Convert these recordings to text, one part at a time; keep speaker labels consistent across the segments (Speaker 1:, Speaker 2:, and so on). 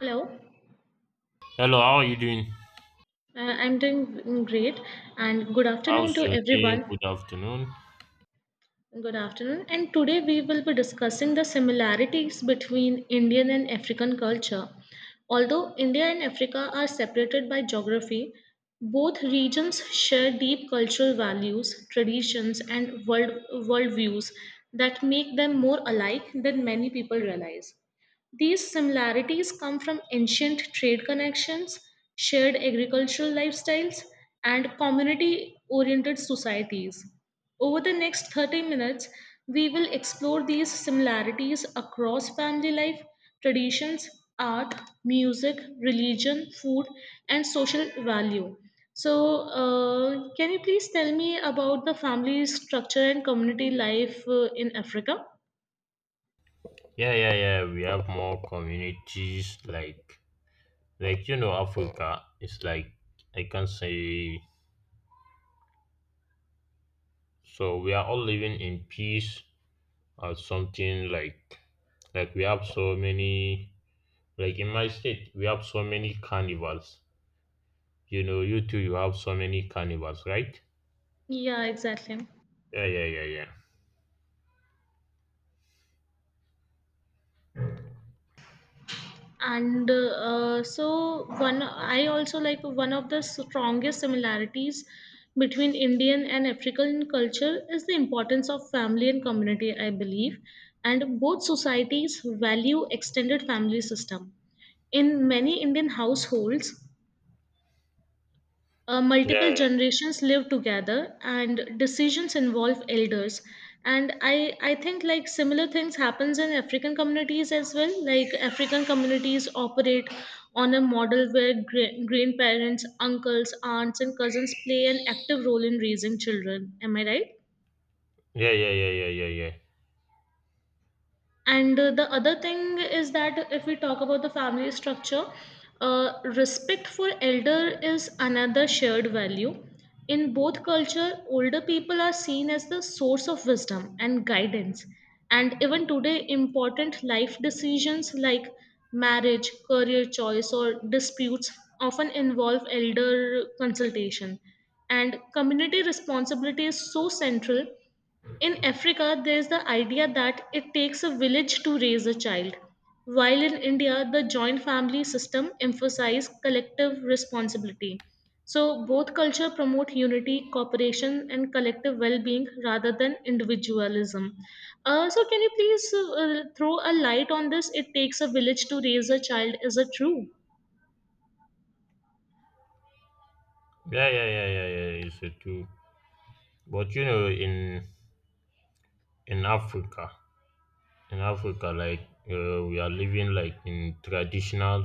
Speaker 1: Hello,
Speaker 2: Hello, how are you doing?
Speaker 1: I'm doing great, and good afternoon
Speaker 2: How's
Speaker 1: to
Speaker 2: your day?
Speaker 1: everyone.
Speaker 2: Good afternoon.
Speaker 1: Good afternoon, and today we will be discussing the similarities between Indian and African culture. Although India and Africa are separated by geography, both regions share deep cultural values, traditions, and worldviews that make them more alike than many people realize. These similarities come from ancient trade connections, shared agricultural lifestyles, and community oriented societies. Over the next 30 minutes, we will explore these similarities across family life, traditions, art, music, religion, food, and social value. So, can you please tell me about the family structure and community life in Africa?
Speaker 2: Yeah, yeah, yeah. We have more communities like, Africa. It's like, I can say, so we are all living in peace or something, like we have so many, like in my state we have so many carnivals. You know, you too you have so many carnivals, right?
Speaker 1: Yeah, exactly.
Speaker 2: Yeah, yeah, yeah, yeah.
Speaker 1: and so one I also like one of the strongest similarities between Indian and African culture is the importance of family and community, I believe, and both societies value extended family system. In many Indian households, multiple
Speaker 2: Yeah,
Speaker 1: generations live together and decisions involve elders. And I think like similar things happens in African communities as well. Like African communities operate on a model where grandparents, uncles, aunts and cousins play an active role in raising children, am I right?
Speaker 2: yeah, yeah, yeah, yeah, yeah, yeah.
Speaker 1: And the other thing is that if we talk about the family structure, respect for elder is another shared value. In both culture, older people are seen as the source of wisdom and guidance. And even today, important life decisions like marriage, career choice, or disputes often involve elder consultation. And community responsibility is so central. In Africa, there's the idea that it takes a village to raise a child, while in India, the joint family system emphasizes collective responsibility. So, both culture promote unity, cooperation, and collective well-being rather than individualism. So, can you please throw a light on this? It takes a village to raise a child. Is it true?
Speaker 2: Yeah, yeah, yeah, yeah, yeah. It's a two. But you know, in Africa. In Africa, like we are living like in traditional,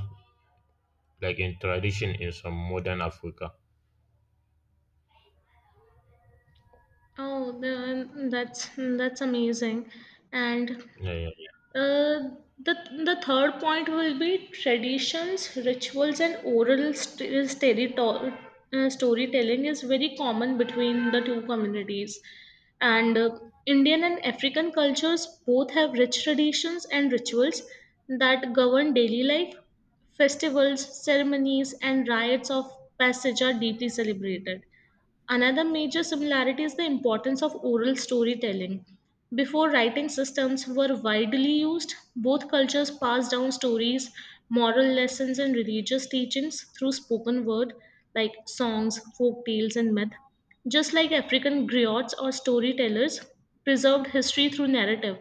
Speaker 2: like in tradition in some modern Africa.
Speaker 1: Oh, that's amazing, and
Speaker 2: Yeah, yeah.
Speaker 1: Uh, the the third point will be traditions, rituals, and oral storytelling is very common between the two communities. And Indian and African cultures both have rich traditions and rituals that govern daily life. Festivals, ceremonies, and rites of passage are deeply celebrated. Another major similarity is the importance of oral storytelling. Before writing systems were widely used, both cultures passed down stories, moral lessons, and religious teachings through spoken word like songs, folk tales, and myth. Just like African griots or storytellers preserved history through narrative,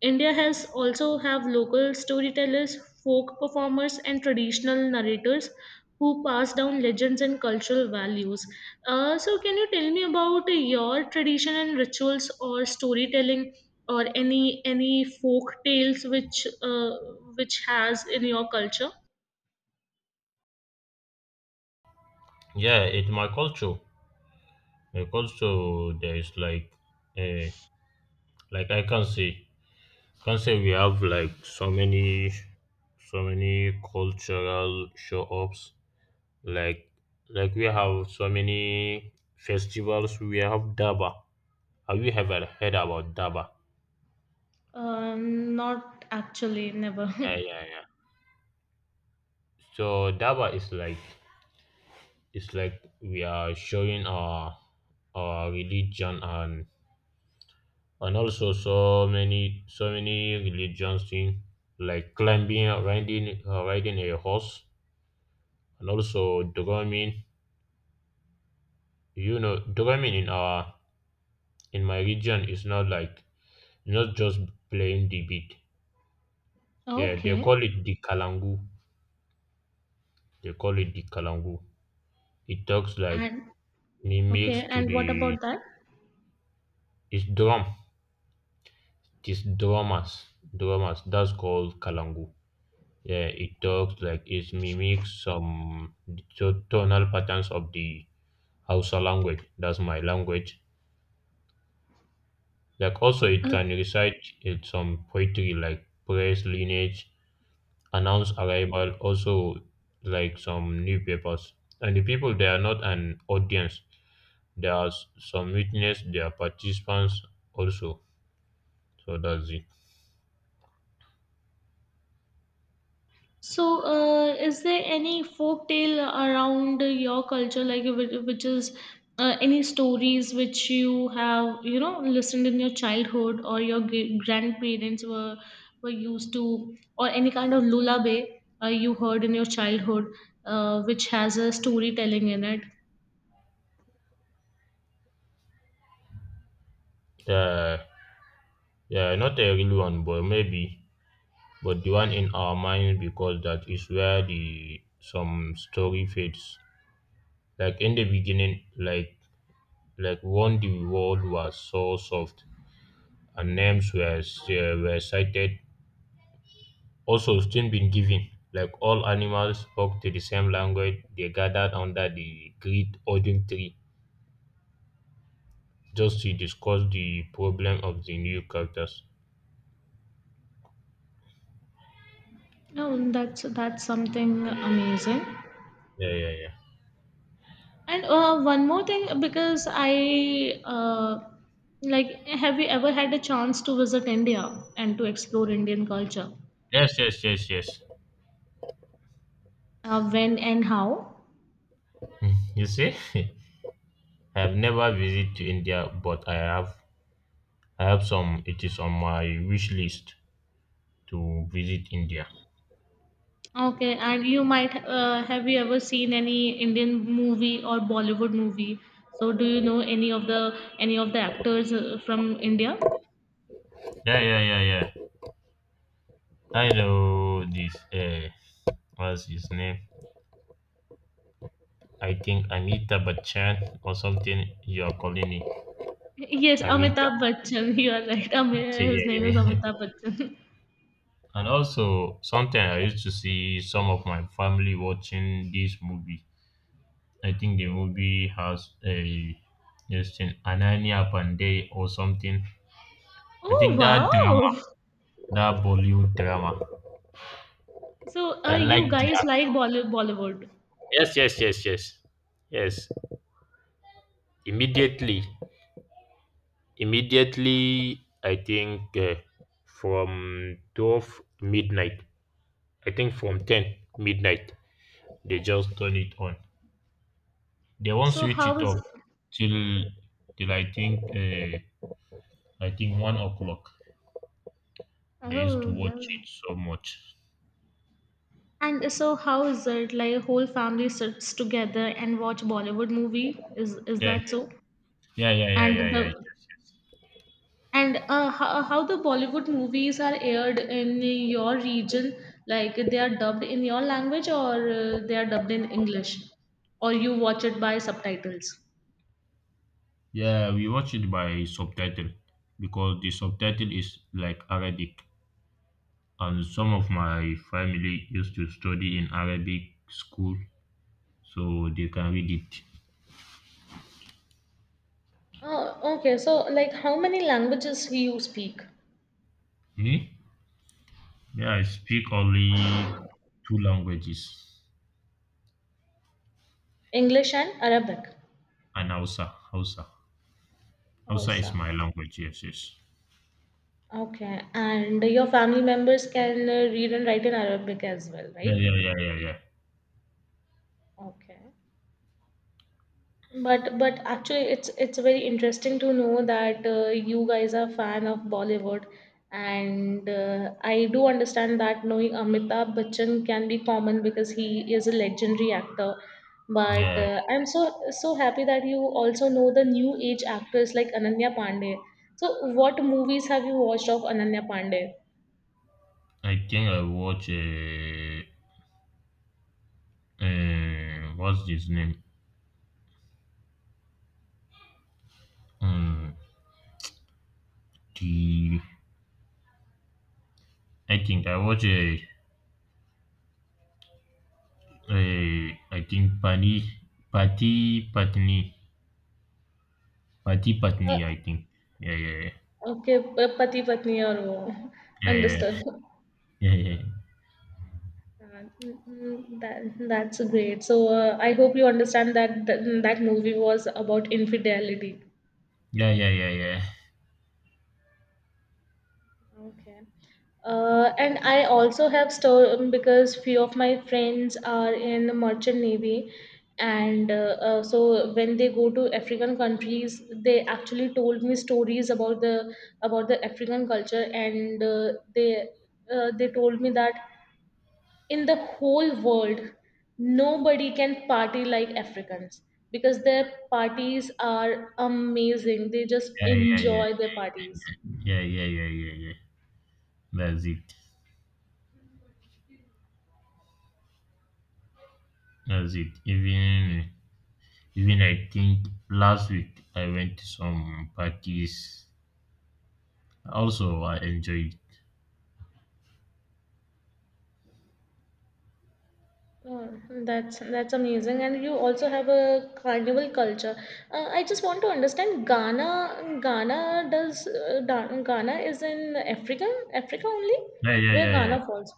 Speaker 1: India has also have local storytellers, folk performers, and traditional narrators who pass down legends and cultural values. So, can you tell me about your tradition and rituals, or storytelling, or any folk tales which has in your culture?
Speaker 2: Yeah, it's my culture. My culture there is uh, like I can say, we have like so many cultural show ups. Like, like, we have so many festivals. We have Daba. Have you ever heard about Daba?
Speaker 1: Not actually, never.
Speaker 2: Yeah, yeah, yeah. So Daba is like it's like we are showing our religion and also so many religions thing like climbing riding a horse and also drumming drumming in our in my region is not just playing the beat. Yeah,
Speaker 1: Okay,
Speaker 2: they call it the kalangu. It talks like
Speaker 1: and
Speaker 2: mimics
Speaker 1: okay,
Speaker 2: to
Speaker 1: and what
Speaker 2: the—
Speaker 1: about that?
Speaker 2: it's drum it's drummers, that's called kalangu. Yeah, it talks like it mimics some tonal patterns of the Hausa language. That's my language. Like also, it can recite it some poetry like praise lineage, announce arrival, also like some newspapers. And the people, they are not an audience. There are some witness. They are participants also. So that's it.
Speaker 1: So, is there any folk tale around your culture, like which is any stories which you have, you know, listened in your childhood or your grandparents were used to, or any kind of lullaby you heard in your childhood, which has a storytelling in it?
Speaker 2: Uh, yeah, not a real one, but maybe but the one in our mind because that is where the some story fades. Like in the beginning, like when the world was so soft and names were cited, also still been given. Like all animals spoke to the same language, they gathered under the great autumn tree just to discuss the problem of the new characters.
Speaker 1: No, that's something amazing.
Speaker 2: Yeah, yeah, yeah.
Speaker 1: And one more thing, because I like, have you ever had a chance to visit India and to explore Indian culture?
Speaker 2: Yes, yes, yes, yes.
Speaker 1: When and how?
Speaker 2: You see, I have never visited to India, but I have some. It is on my wish list to visit India.
Speaker 1: Okay, and you might have you ever seen any Indian movie or Bollywood movie? So, do you know any of the actors from India?
Speaker 2: Yeah, yeah, yeah, yeah. I know this. What's his name? I think Amita Bachchan or something. You are calling it
Speaker 1: Yes,
Speaker 2: Amita.
Speaker 1: Amitabh Bachchan. You are right.
Speaker 2: Yeah,
Speaker 1: His name
Speaker 2: yeah,
Speaker 1: is Amitabh
Speaker 2: yeah.
Speaker 1: Bachchan.
Speaker 2: And also, sometimes I used to see some of my family watching this movie. I think the movie has a this thing, Ananya Pandey or something. I
Speaker 1: Oh
Speaker 2: think that drama,
Speaker 1: wow!
Speaker 2: that Bollywood drama.
Speaker 1: So,
Speaker 2: I like
Speaker 1: you
Speaker 2: the
Speaker 1: guys like
Speaker 2: actors.
Speaker 1: Bollywood?
Speaker 2: Yes, yes, yes, yes, yes. Immediately, immediately, I think from 12 midnight. I think from 10 midnight they just turn it on. They won't
Speaker 1: So,
Speaker 2: switch
Speaker 1: how
Speaker 2: it
Speaker 1: is?
Speaker 2: off till till I think 1 o'clock. They used
Speaker 1: Oh,
Speaker 2: to watch
Speaker 1: well.
Speaker 2: it so much.
Speaker 1: And so how is it? Like whole family sits together and watch Bollywood movie? Is
Speaker 2: Yeah,
Speaker 1: that so?
Speaker 2: yeah, yeah, yeah, yeah,
Speaker 1: And
Speaker 2: yeah. Yes.
Speaker 1: the and how the Bollywood movies are aired in your region? Like they are dubbed in your language or they are dubbed in English? Or you watch it by subtitles?
Speaker 2: Yeah, we watch it by subtitle because the subtitle is like Arabic. And some of my family used to study in Arabic school, so they can read it.
Speaker 1: Oh, okay. So like how many languages do you speak?
Speaker 2: Me? Yeah, I speak only two languages
Speaker 1: English and Arabic.
Speaker 2: and Hausa. Hausa. Hausa is
Speaker 1: Hausa.
Speaker 2: my language, yes, yes.
Speaker 1: Okay. And your family members can read and write in Arabic as well,
Speaker 2: Yeah,
Speaker 1: right?
Speaker 2: yeah, yeah, yeah, yeah.
Speaker 1: Okay. But actually, it's very interesting to know that you guys are fan of Bollywood, and I do understand that knowing Amitabh Bachchan can be common because he is a legendary actor. But
Speaker 2: Yeah,
Speaker 1: I'm so so happy that you also know the new age actors like Ananya Pandey. So, what movies have you watched of Ananya Pandey?
Speaker 2: I think I watch what's his name? Um, the I think I watch a I think Pani Pati Patni Pati
Speaker 1: Uh,
Speaker 2: Patni I think. Yeah, yeah, yeah.
Speaker 1: Okay, प पति-पत्नी और वो
Speaker 2: Yeah, yeah,
Speaker 1: understood.
Speaker 2: yeah, yeah,
Speaker 1: हाँ, हुँ, हुँ, that that's great. So, I hope you understand that th that movie was about infidelity.
Speaker 2: yeah, yeah, yeah, yeah,
Speaker 1: Okay. And I also have story because few of my friends are in the merchant navy, and so when they go to African countries, they actually told me stories about the African culture, and they told me that in the whole world, nobody can party like Africans because their parties are amazing. They just
Speaker 2: yeah, yeah, yeah,
Speaker 1: enjoy their parties.
Speaker 2: yeah, yeah, yeah, yeah, yeah. That's it. That's it. Even, I think last week I went to some parties. Also, I enjoyed.
Speaker 1: Oh, that's amazing, and you also have a carnival culture. I just want to understand Ghana. Ghana does Ghana is in Africa, Africa only,
Speaker 2: Yeah, yeah,
Speaker 1: where
Speaker 2: yeah, yeah.
Speaker 1: Ghana falls.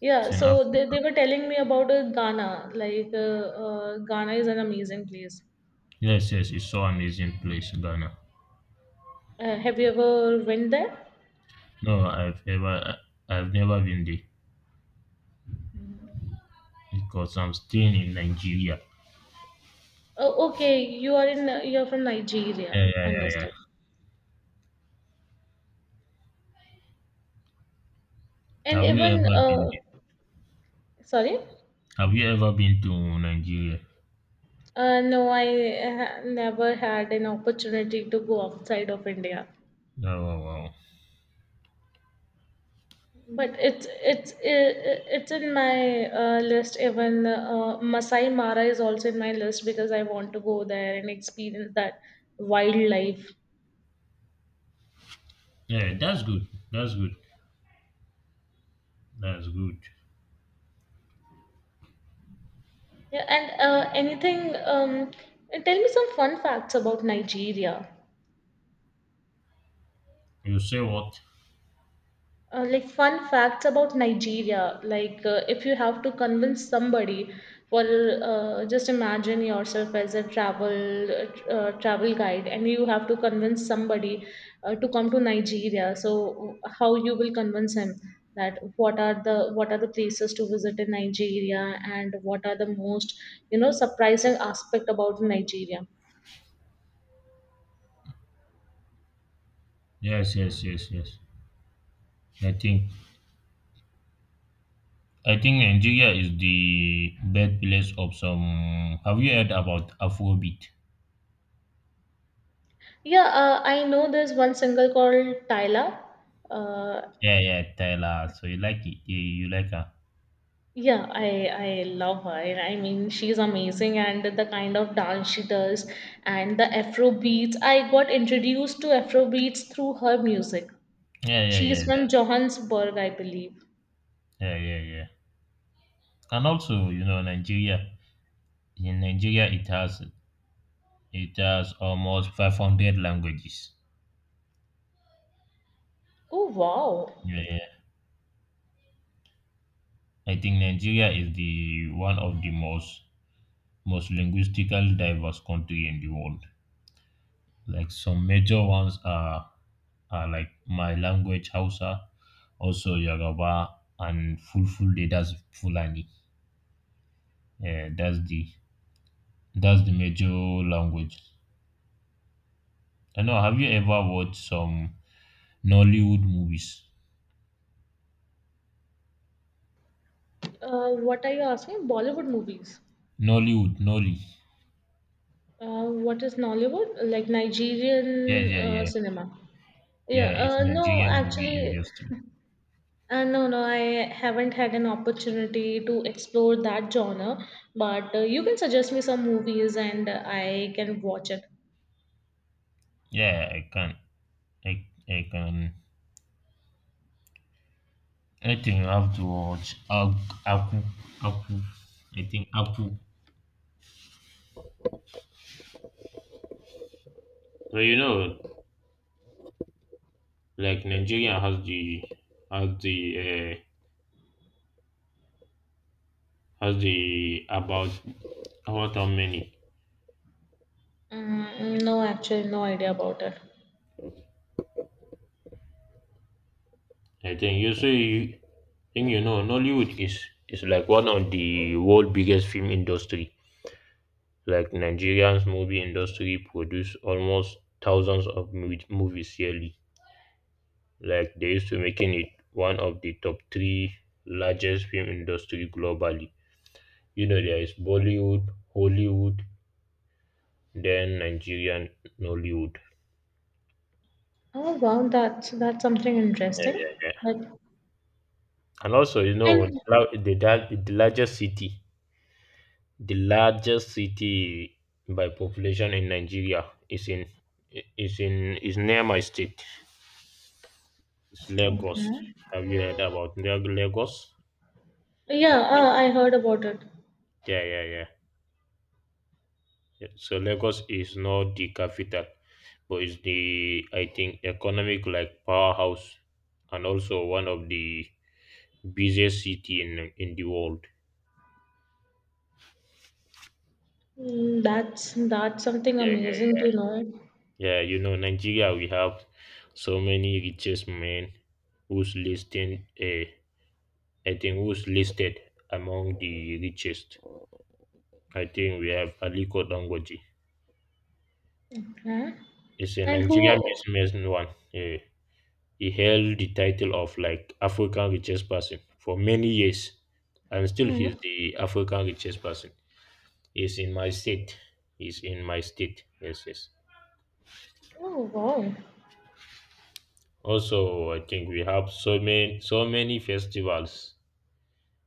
Speaker 1: Yeah,
Speaker 2: It's in
Speaker 1: so
Speaker 2: Africa.
Speaker 1: they were telling me about Ghana. Like Ghana is an amazing place.
Speaker 2: Yes, yes. It's so amazing place, Ghana.
Speaker 1: Have you ever went there?
Speaker 2: No, I've never been there because I'm staying in Nigeria.
Speaker 1: Oh, okay. You are in. You're from Nigeria.
Speaker 2: Yeah, yeah, yeah, yeah.
Speaker 1: Understood. And
Speaker 2: Have you
Speaker 1: even
Speaker 2: ever been there?
Speaker 1: sorry.
Speaker 2: Have you ever been to Nigeria?
Speaker 1: No, I never had an opportunity to go outside of India.
Speaker 2: Oh, wow, wow.
Speaker 1: But it's it's in my list. Even Masai Mara is also in my list because I want to go there and experience that wildlife.
Speaker 2: Yeah, that's good. That's good. That's good.
Speaker 1: Yeah, and anything. Um, and tell me some fun facts about Nigeria.
Speaker 2: You say what?
Speaker 1: Like fun facts about Nigeria. Like if you have to convince somebody, well, just imagine yourself as a travel travel guide, and you have to convince somebody to come to Nigeria. So how you will convince him that what are the places to visit in Nigeria, and what are the most, you know, surprising aspect about Nigeria?
Speaker 2: Yes, yes, yes, yes. I think I think Nigeria is the birthplace of some. Have you heard about Afrobeat?
Speaker 1: Yeah, I know there's one single called Tyla. Uh,
Speaker 2: Yeah, yeah, Tyler. So you like it? You like her?
Speaker 1: Yeah, I love her. I mean, she's amazing, and the kind of dance she does, and the Afro beats. I got introduced to Afro beats through her music.
Speaker 2: Yeah, yeah, yeah.
Speaker 1: She's from
Speaker 2: That's
Speaker 1: Johannesburg, I believe.
Speaker 2: yeah, yeah, yeah. And also, you know, Nigeria. In Nigeria, it has almost 500 languages.
Speaker 1: Oh wow!
Speaker 2: Yeah, yeah. I think Nigeria is the one of the most linguistically diverse country in the world. Like some major ones are, like my language Hausa, also Yoruba, and Fulfulde. That's Fulani. Yeah, that's the major language. I know. Have you ever watched some Nollywood movies?
Speaker 1: What are you asking? Bollywood movies.
Speaker 2: Nollywood, Nolly.
Speaker 1: What is Nollywood? Like
Speaker 2: Yeah,
Speaker 1: Nigerian
Speaker 2: yeah, yeah,
Speaker 1: cinema. Yeah,
Speaker 2: yeah. It's
Speaker 1: no,
Speaker 2: Nigerian movie
Speaker 1: actually,
Speaker 2: industry.
Speaker 1: No, no, I haven't had an opportunity to explore that genre, but you can suggest me some movies and I can watch it.
Speaker 2: Yeah, I, I can I think you have to watch Aku. Aku. I think Aku. Well, you know, like Nigeria has the uh, has the about how many?
Speaker 1: Mm, no, actually, no idea about it.
Speaker 2: I think you think you know Nollywood is like one of the world biggest film industry. Like Nigerian's movie industry produce almost thousands of movies yearly. Like they used to making it one of the top three largest film industry globally. You know, there is Bollywood, Hollywood, then Nigerian Nollywood.
Speaker 1: Oh, wow, that's something
Speaker 2: Yeah,
Speaker 1: interesting.
Speaker 2: yeah, yeah.
Speaker 1: But
Speaker 2: And also, you
Speaker 1: and
Speaker 2: know, the largest city, the largest city by population in Nigeria is near my state. It's Lagos.
Speaker 1: okay,
Speaker 2: Have you heard about Lagos?
Speaker 1: yeah,
Speaker 2: I think.
Speaker 1: I heard about it.
Speaker 2: Yeah, yeah, yeah. Yeah, so Lagos is not the capital, but it's the I think economic like powerhouse, and also one of the busiest city in the world.
Speaker 1: Mm, that's something
Speaker 2: Yeah, yeah,
Speaker 1: amazing
Speaker 2: yeah.
Speaker 1: to know.
Speaker 2: Yeah, you know, Nigeria, we have so many richest men who's listed. I think who's listed among the richest. I think we have Aliko Dangoji.
Speaker 1: Okay.
Speaker 2: He's a
Speaker 1: And
Speaker 2: Nigerian
Speaker 1: who?
Speaker 2: businessman. One. Uh, he held the title of like African richest person for many years, and still
Speaker 1: Hmm.
Speaker 2: he's the African richest person. He's in my state. He's in my state. Yes, yes.
Speaker 1: Oh, wow,
Speaker 2: Also, I think we have so many festivals.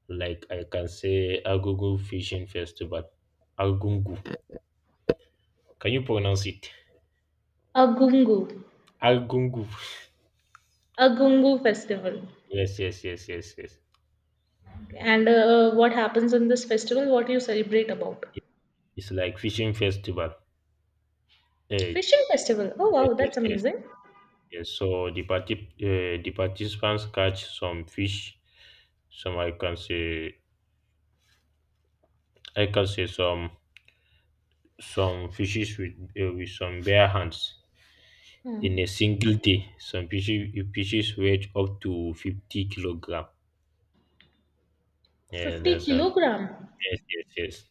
Speaker 2: Like I can say Agogo Fishing Festival. Agungu, can you pronounce it?
Speaker 1: Agungu,
Speaker 2: Agungu.
Speaker 1: Agungu Festival.
Speaker 2: Yes, yes, yes, yes, yes.
Speaker 1: And what happens in this festival? What you celebrate about?
Speaker 2: It- It's like fishing festival. Eh,
Speaker 1: Fishing festival. Oh
Speaker 2: yes,
Speaker 1: wow,
Speaker 2: yes,
Speaker 1: that's
Speaker 2: yes,
Speaker 1: amazing.
Speaker 2: yes. So the participants catch some fish. Some I can say some fishes with some bare hands in a
Speaker 1: Hmm.
Speaker 2: single day. Some fishes, you fishes weigh up to 50 kilogram. Yeah,
Speaker 1: 50 kg kilogram.
Speaker 2: yes, yes, yes.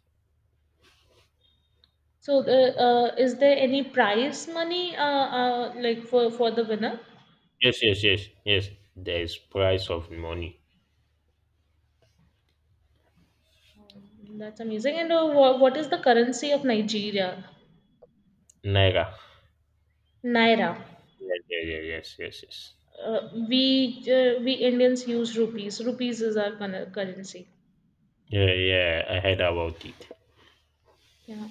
Speaker 1: So is there any prize money like for the winner?
Speaker 2: Yes, yes, yes, yes. There is price of money.
Speaker 1: That's amazing. And what is the currency of Nigeria?
Speaker 2: Naira.
Speaker 1: Naira.
Speaker 2: Yes, yes, yes, yes, yes, yes.
Speaker 1: We Indians use rupees. Rupees is our currency.
Speaker 2: Yeah, yeah, I heard about it. So,
Speaker 1: Yeah,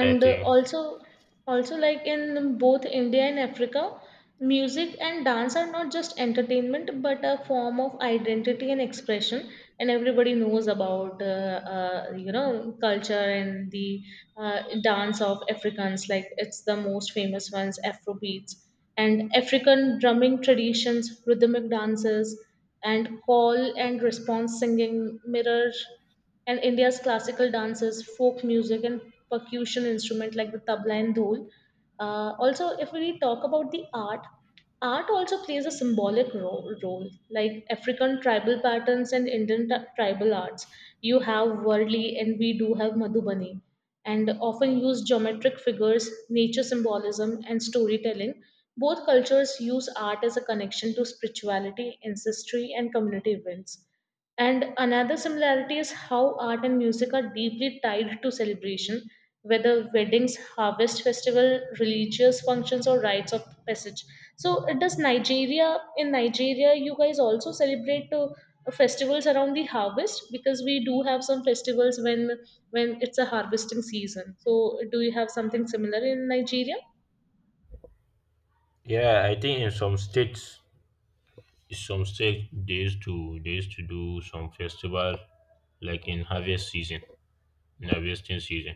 Speaker 2: I think.
Speaker 1: also, also like in both India and Africa, music and dance are not just entertainment but a form of identity and expression. And everybody knows about you know culture and the dance of Africans. Like it's the most famous ones, Afrobeats and African drumming traditions, rhythmic dances, and call and response singing mirror and India's classical dances, folk music, and percussion instrument like the tabla and dhol. Also, if we talk about the art, art also plays a symbolic role, like African tribal patterns and Indian tribal arts. You have Worli, and we do have Madhubani, and often use geometric figures, nature symbolism, and storytelling. Both cultures use art as a connection to spirituality, ancestry, and community events. And another similarity is how art and music are deeply tied to celebration, whether weddings, harvest festival, religious functions, or rites of passage. So, it does Nigeria in Nigeria, you guys also celebrate festivals around the harvest because we do have some festivals when it's a harvesting season. So, do you have something similar in Nigeria?
Speaker 2: Yeah, I think in in some states they used to do some festival like in harvesting season.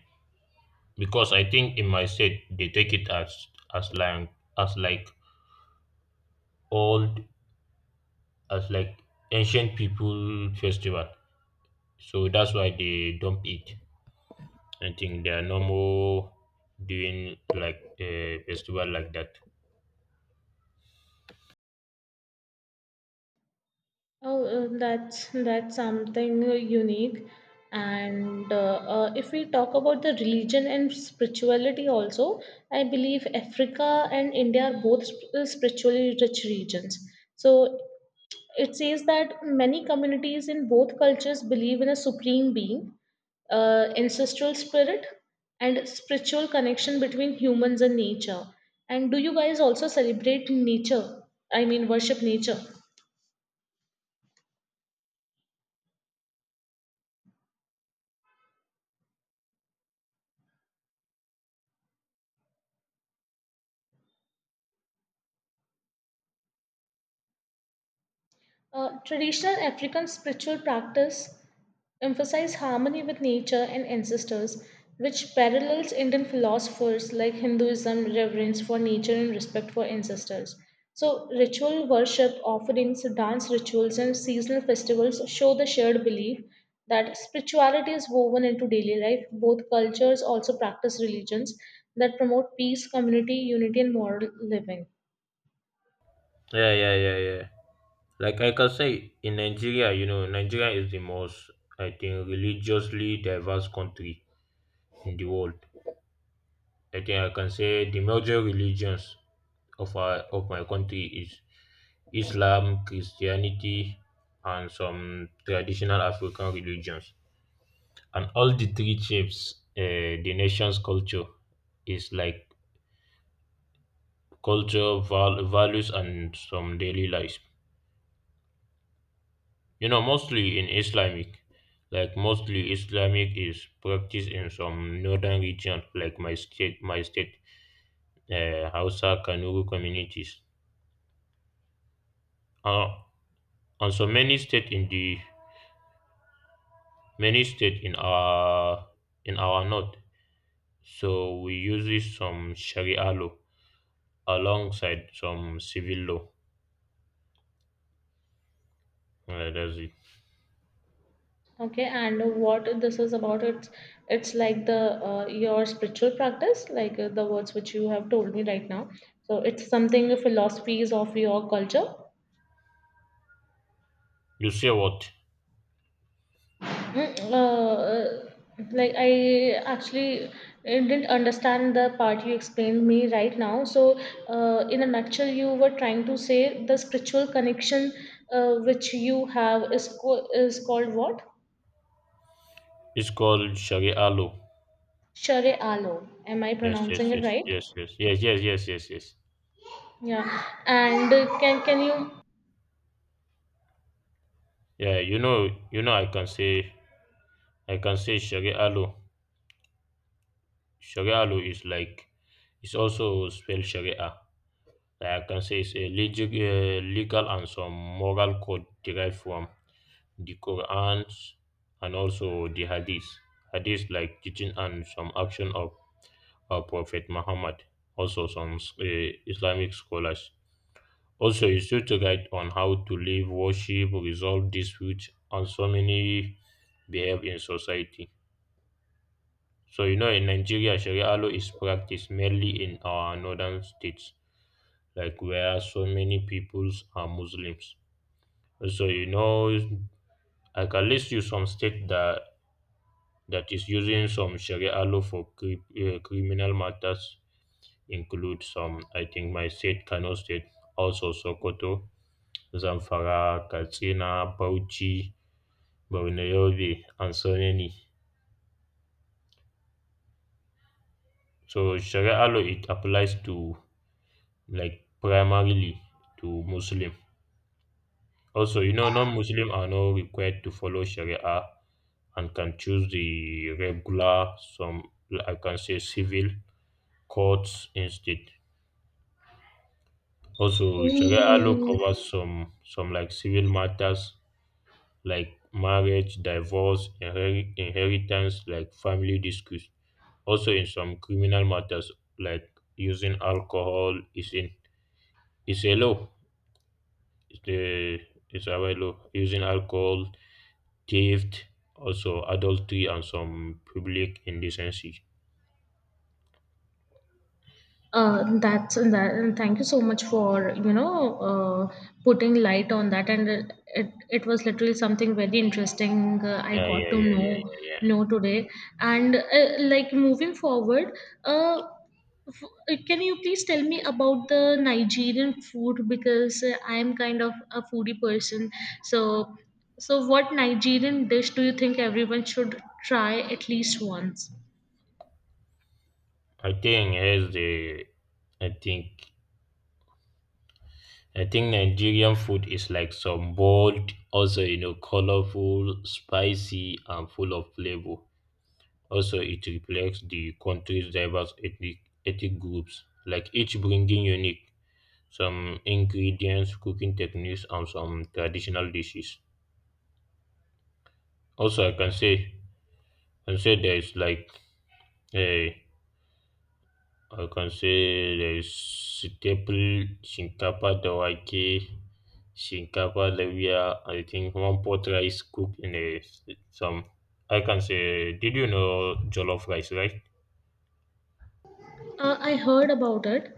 Speaker 2: Because I think in my state they take it as like as like old as like ancient people festival. So that's why they dump it. I think they are no more doing like a festival like that.
Speaker 1: Oh, that's something unique. And if we talk about the religion and spirituality also, I believe Africa and India are both spiritually rich regions. So it says that many communities in both cultures believe in a supreme being, ancestral spirit, and spiritual connection between humans and nature. And do you guys also celebrate nature? I mean, worship nature. Traditional African spiritual practice emphasize harmony with nature and ancestors, which parallels Indian philosophers like Hinduism, reverence for nature and respect for ancestors. So, ritual worship, offerings, dance rituals, and seasonal festivals show the shared belief that spirituality is woven into daily life. Both cultures also practice religions that promote peace, community, unity, and moral living.
Speaker 2: Yeah, yeah, yeah, yeah. Like I can say in Nigeria, you know, Nigeria is the most I think religiously diverse country in the world. I think I can say the major religions of my country is Islam, Christianity, and some traditional African religions. And all the three shapes the nation's culture is like culture, values, and some daily life. You know, mostly in Islamic, like mostly Islamic is practiced in some northern region, like my state, Hausa Kanuri communities. Uh, And so many state in the many state in our north, so we usually some Sharia law alongside some civil law. That's it.
Speaker 1: Okay, and what this is about, it's like the your spiritual practice, like the words which you have told me right now. So it's something the philosophies of your culture.
Speaker 2: You say what?
Speaker 1: Mm, like I actually didn't understand the part you explained me right now. So in a nutshell, you were trying to say the spiritual connection which you have is is called what?
Speaker 2: It's called Sharia law.
Speaker 1: Share Alam. Am I
Speaker 2: Yes,
Speaker 1: pronouncing
Speaker 2: yes,
Speaker 1: it
Speaker 2: yes,
Speaker 1: right?
Speaker 2: yes, yes, yes, yes, yes, yes, yes.
Speaker 1: Yeah, and can you?
Speaker 2: Yeah, I can say Sharia law. Sharia law is like, it's also spelled Sharia. Like I can say it's a legal and some moral code derived from the Quran and also the Hadith. Hadith like teaching and some action of our Prophet Muhammad, also some Islamic scholars. Also, he used to guide on how to live, worship, resolve disputes, and so many behave in society. So you know, in Nigeria, Sharia law is practiced mainly in our northern states, like where so many peoples are Muslims. So you know, I can list you some states that is using some Sharia law for criminal matters include some, I think, my state, Kano State, also Sokoto, Zamfara, Katsina, Bauchi, Borno Yobe, and so many. So Sharia law it applies to like primarily to Muslim. Also, you know, non-Muslim are not required to follow Sharia and can choose the regular, some I can say civil courts instead. Also, Sharia law
Speaker 1: Mm,
Speaker 2: covers some like civil matters like marriage, divorce, inheritance, like family disputes. Also, in some criminal matters like using alcohol is a law. It's a right law. Using alcohol, theft, also adultery, and some public indecency.
Speaker 1: That's that. And thank you so much for you know uh, putting light on that, and it was literally something very interesting. I
Speaker 2: Yeah,
Speaker 1: got
Speaker 2: yeah,
Speaker 1: to
Speaker 2: yeah, yeah, yeah, yeah.
Speaker 1: know today, and like moving forward, uh, f- can you please tell me about the Nigerian food because I am kind of a foodie person. So so what Nigerian dish do you think everyone should try at least once?
Speaker 2: I think here's the I think Nigerian food is like some bold, also you know, colorful, spicy, and full of flavor. Also, it reflects the country's diverse ethnic groups, like each bringing unique some ingredients, cooking techniques, and some traditional dishes. Also, I can say, there is like a I can say there is staple shinkafa da wake, shinkafa da miya, I think one pot rice cooked in a some I can say did you know jollof rice, right?
Speaker 1: I heard about it.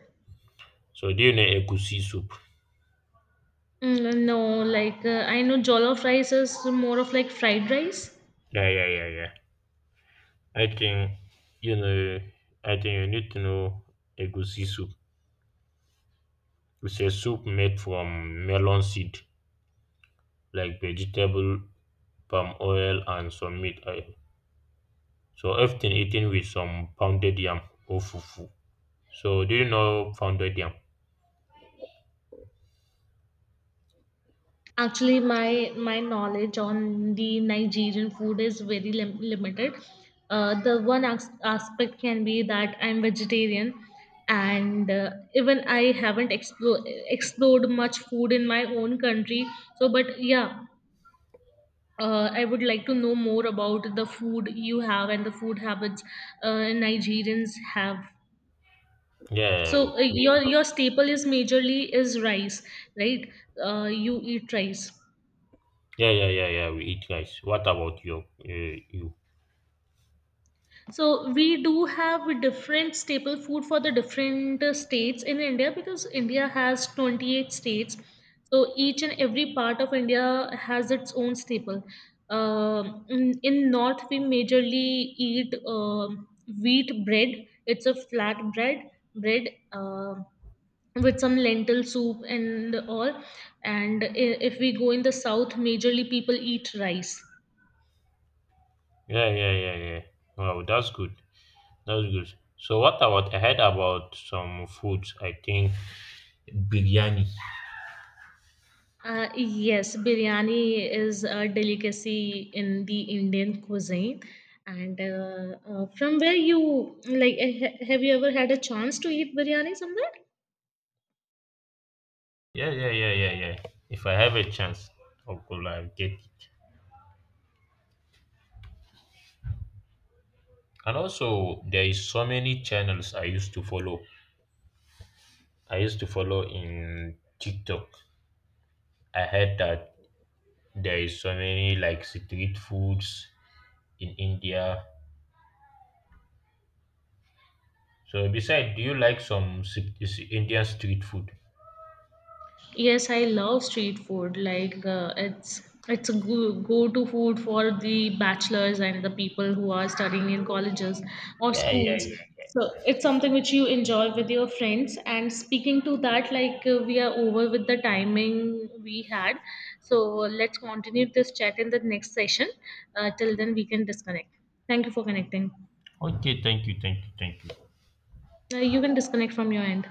Speaker 2: So do you know egusi soup?
Speaker 1: Mm, no, like I know jollof rice is more of like fried rice.
Speaker 2: Yeah, yeah, yeah, yeah. I think you know you need to know egusi soup. It's a soup made from melon seed, like vegetable, palm oil and some meat. I so often eaten with some pounded yam or fufu. So do you know pounded yam?
Speaker 1: Actually, my knowledge on the Nigerian food is very limited. The one aspect can be that I'm vegetarian, and even I haven't explored much food in my own country. So, but yeah, I would like to know more about the food you have and the food habits Nigerians have.
Speaker 2: Yeah,
Speaker 1: So uh,
Speaker 2: we
Speaker 1: your
Speaker 2: have.
Speaker 1: your staple is majorly is rice, right? You eat rice.
Speaker 2: Yeah, yeah, yeah, yeah. We eat rice. What about you?
Speaker 1: So we do have a different staple food for the different states in India because India has 28 states. So each and every part of India has its own staple. In North, we majorly eat wheat bread. It's a flat bread. um with some lentil soup and all. And if we go in the south majorly people eat rice.
Speaker 2: Yeah, yeah, yeah, yeah. Wow, that's good. That's good. So what about I heard about some foods? I think biryani.
Speaker 1: Yes, biryani is a delicacy in the Indian cuisine, and from where you like have you ever had a chance to eat biryani somewhere?
Speaker 2: Yeah, yeah, yeah, yeah, yeah. If I have a chance, hopefully I'll get it. And also, there is so many channels I used to follow. I used to follow in TikTok. I heard that there is so many like street foods in India. So besides, do you like some Indian street food?
Speaker 1: Yes, I love street food. Like it's a go go to food for the bachelors and the people who are studying in colleges or
Speaker 2: Yeah, yeah,
Speaker 1: schools.
Speaker 2: yeah.
Speaker 1: So it's something which you enjoy with your friends. And speaking to that, like we are over with the timing we had. So let's continue this chat in the next session. Till then, we can disconnect. Thank you for connecting.
Speaker 2: Okay, thank you, thank you, thank you.
Speaker 1: You can disconnect from your end.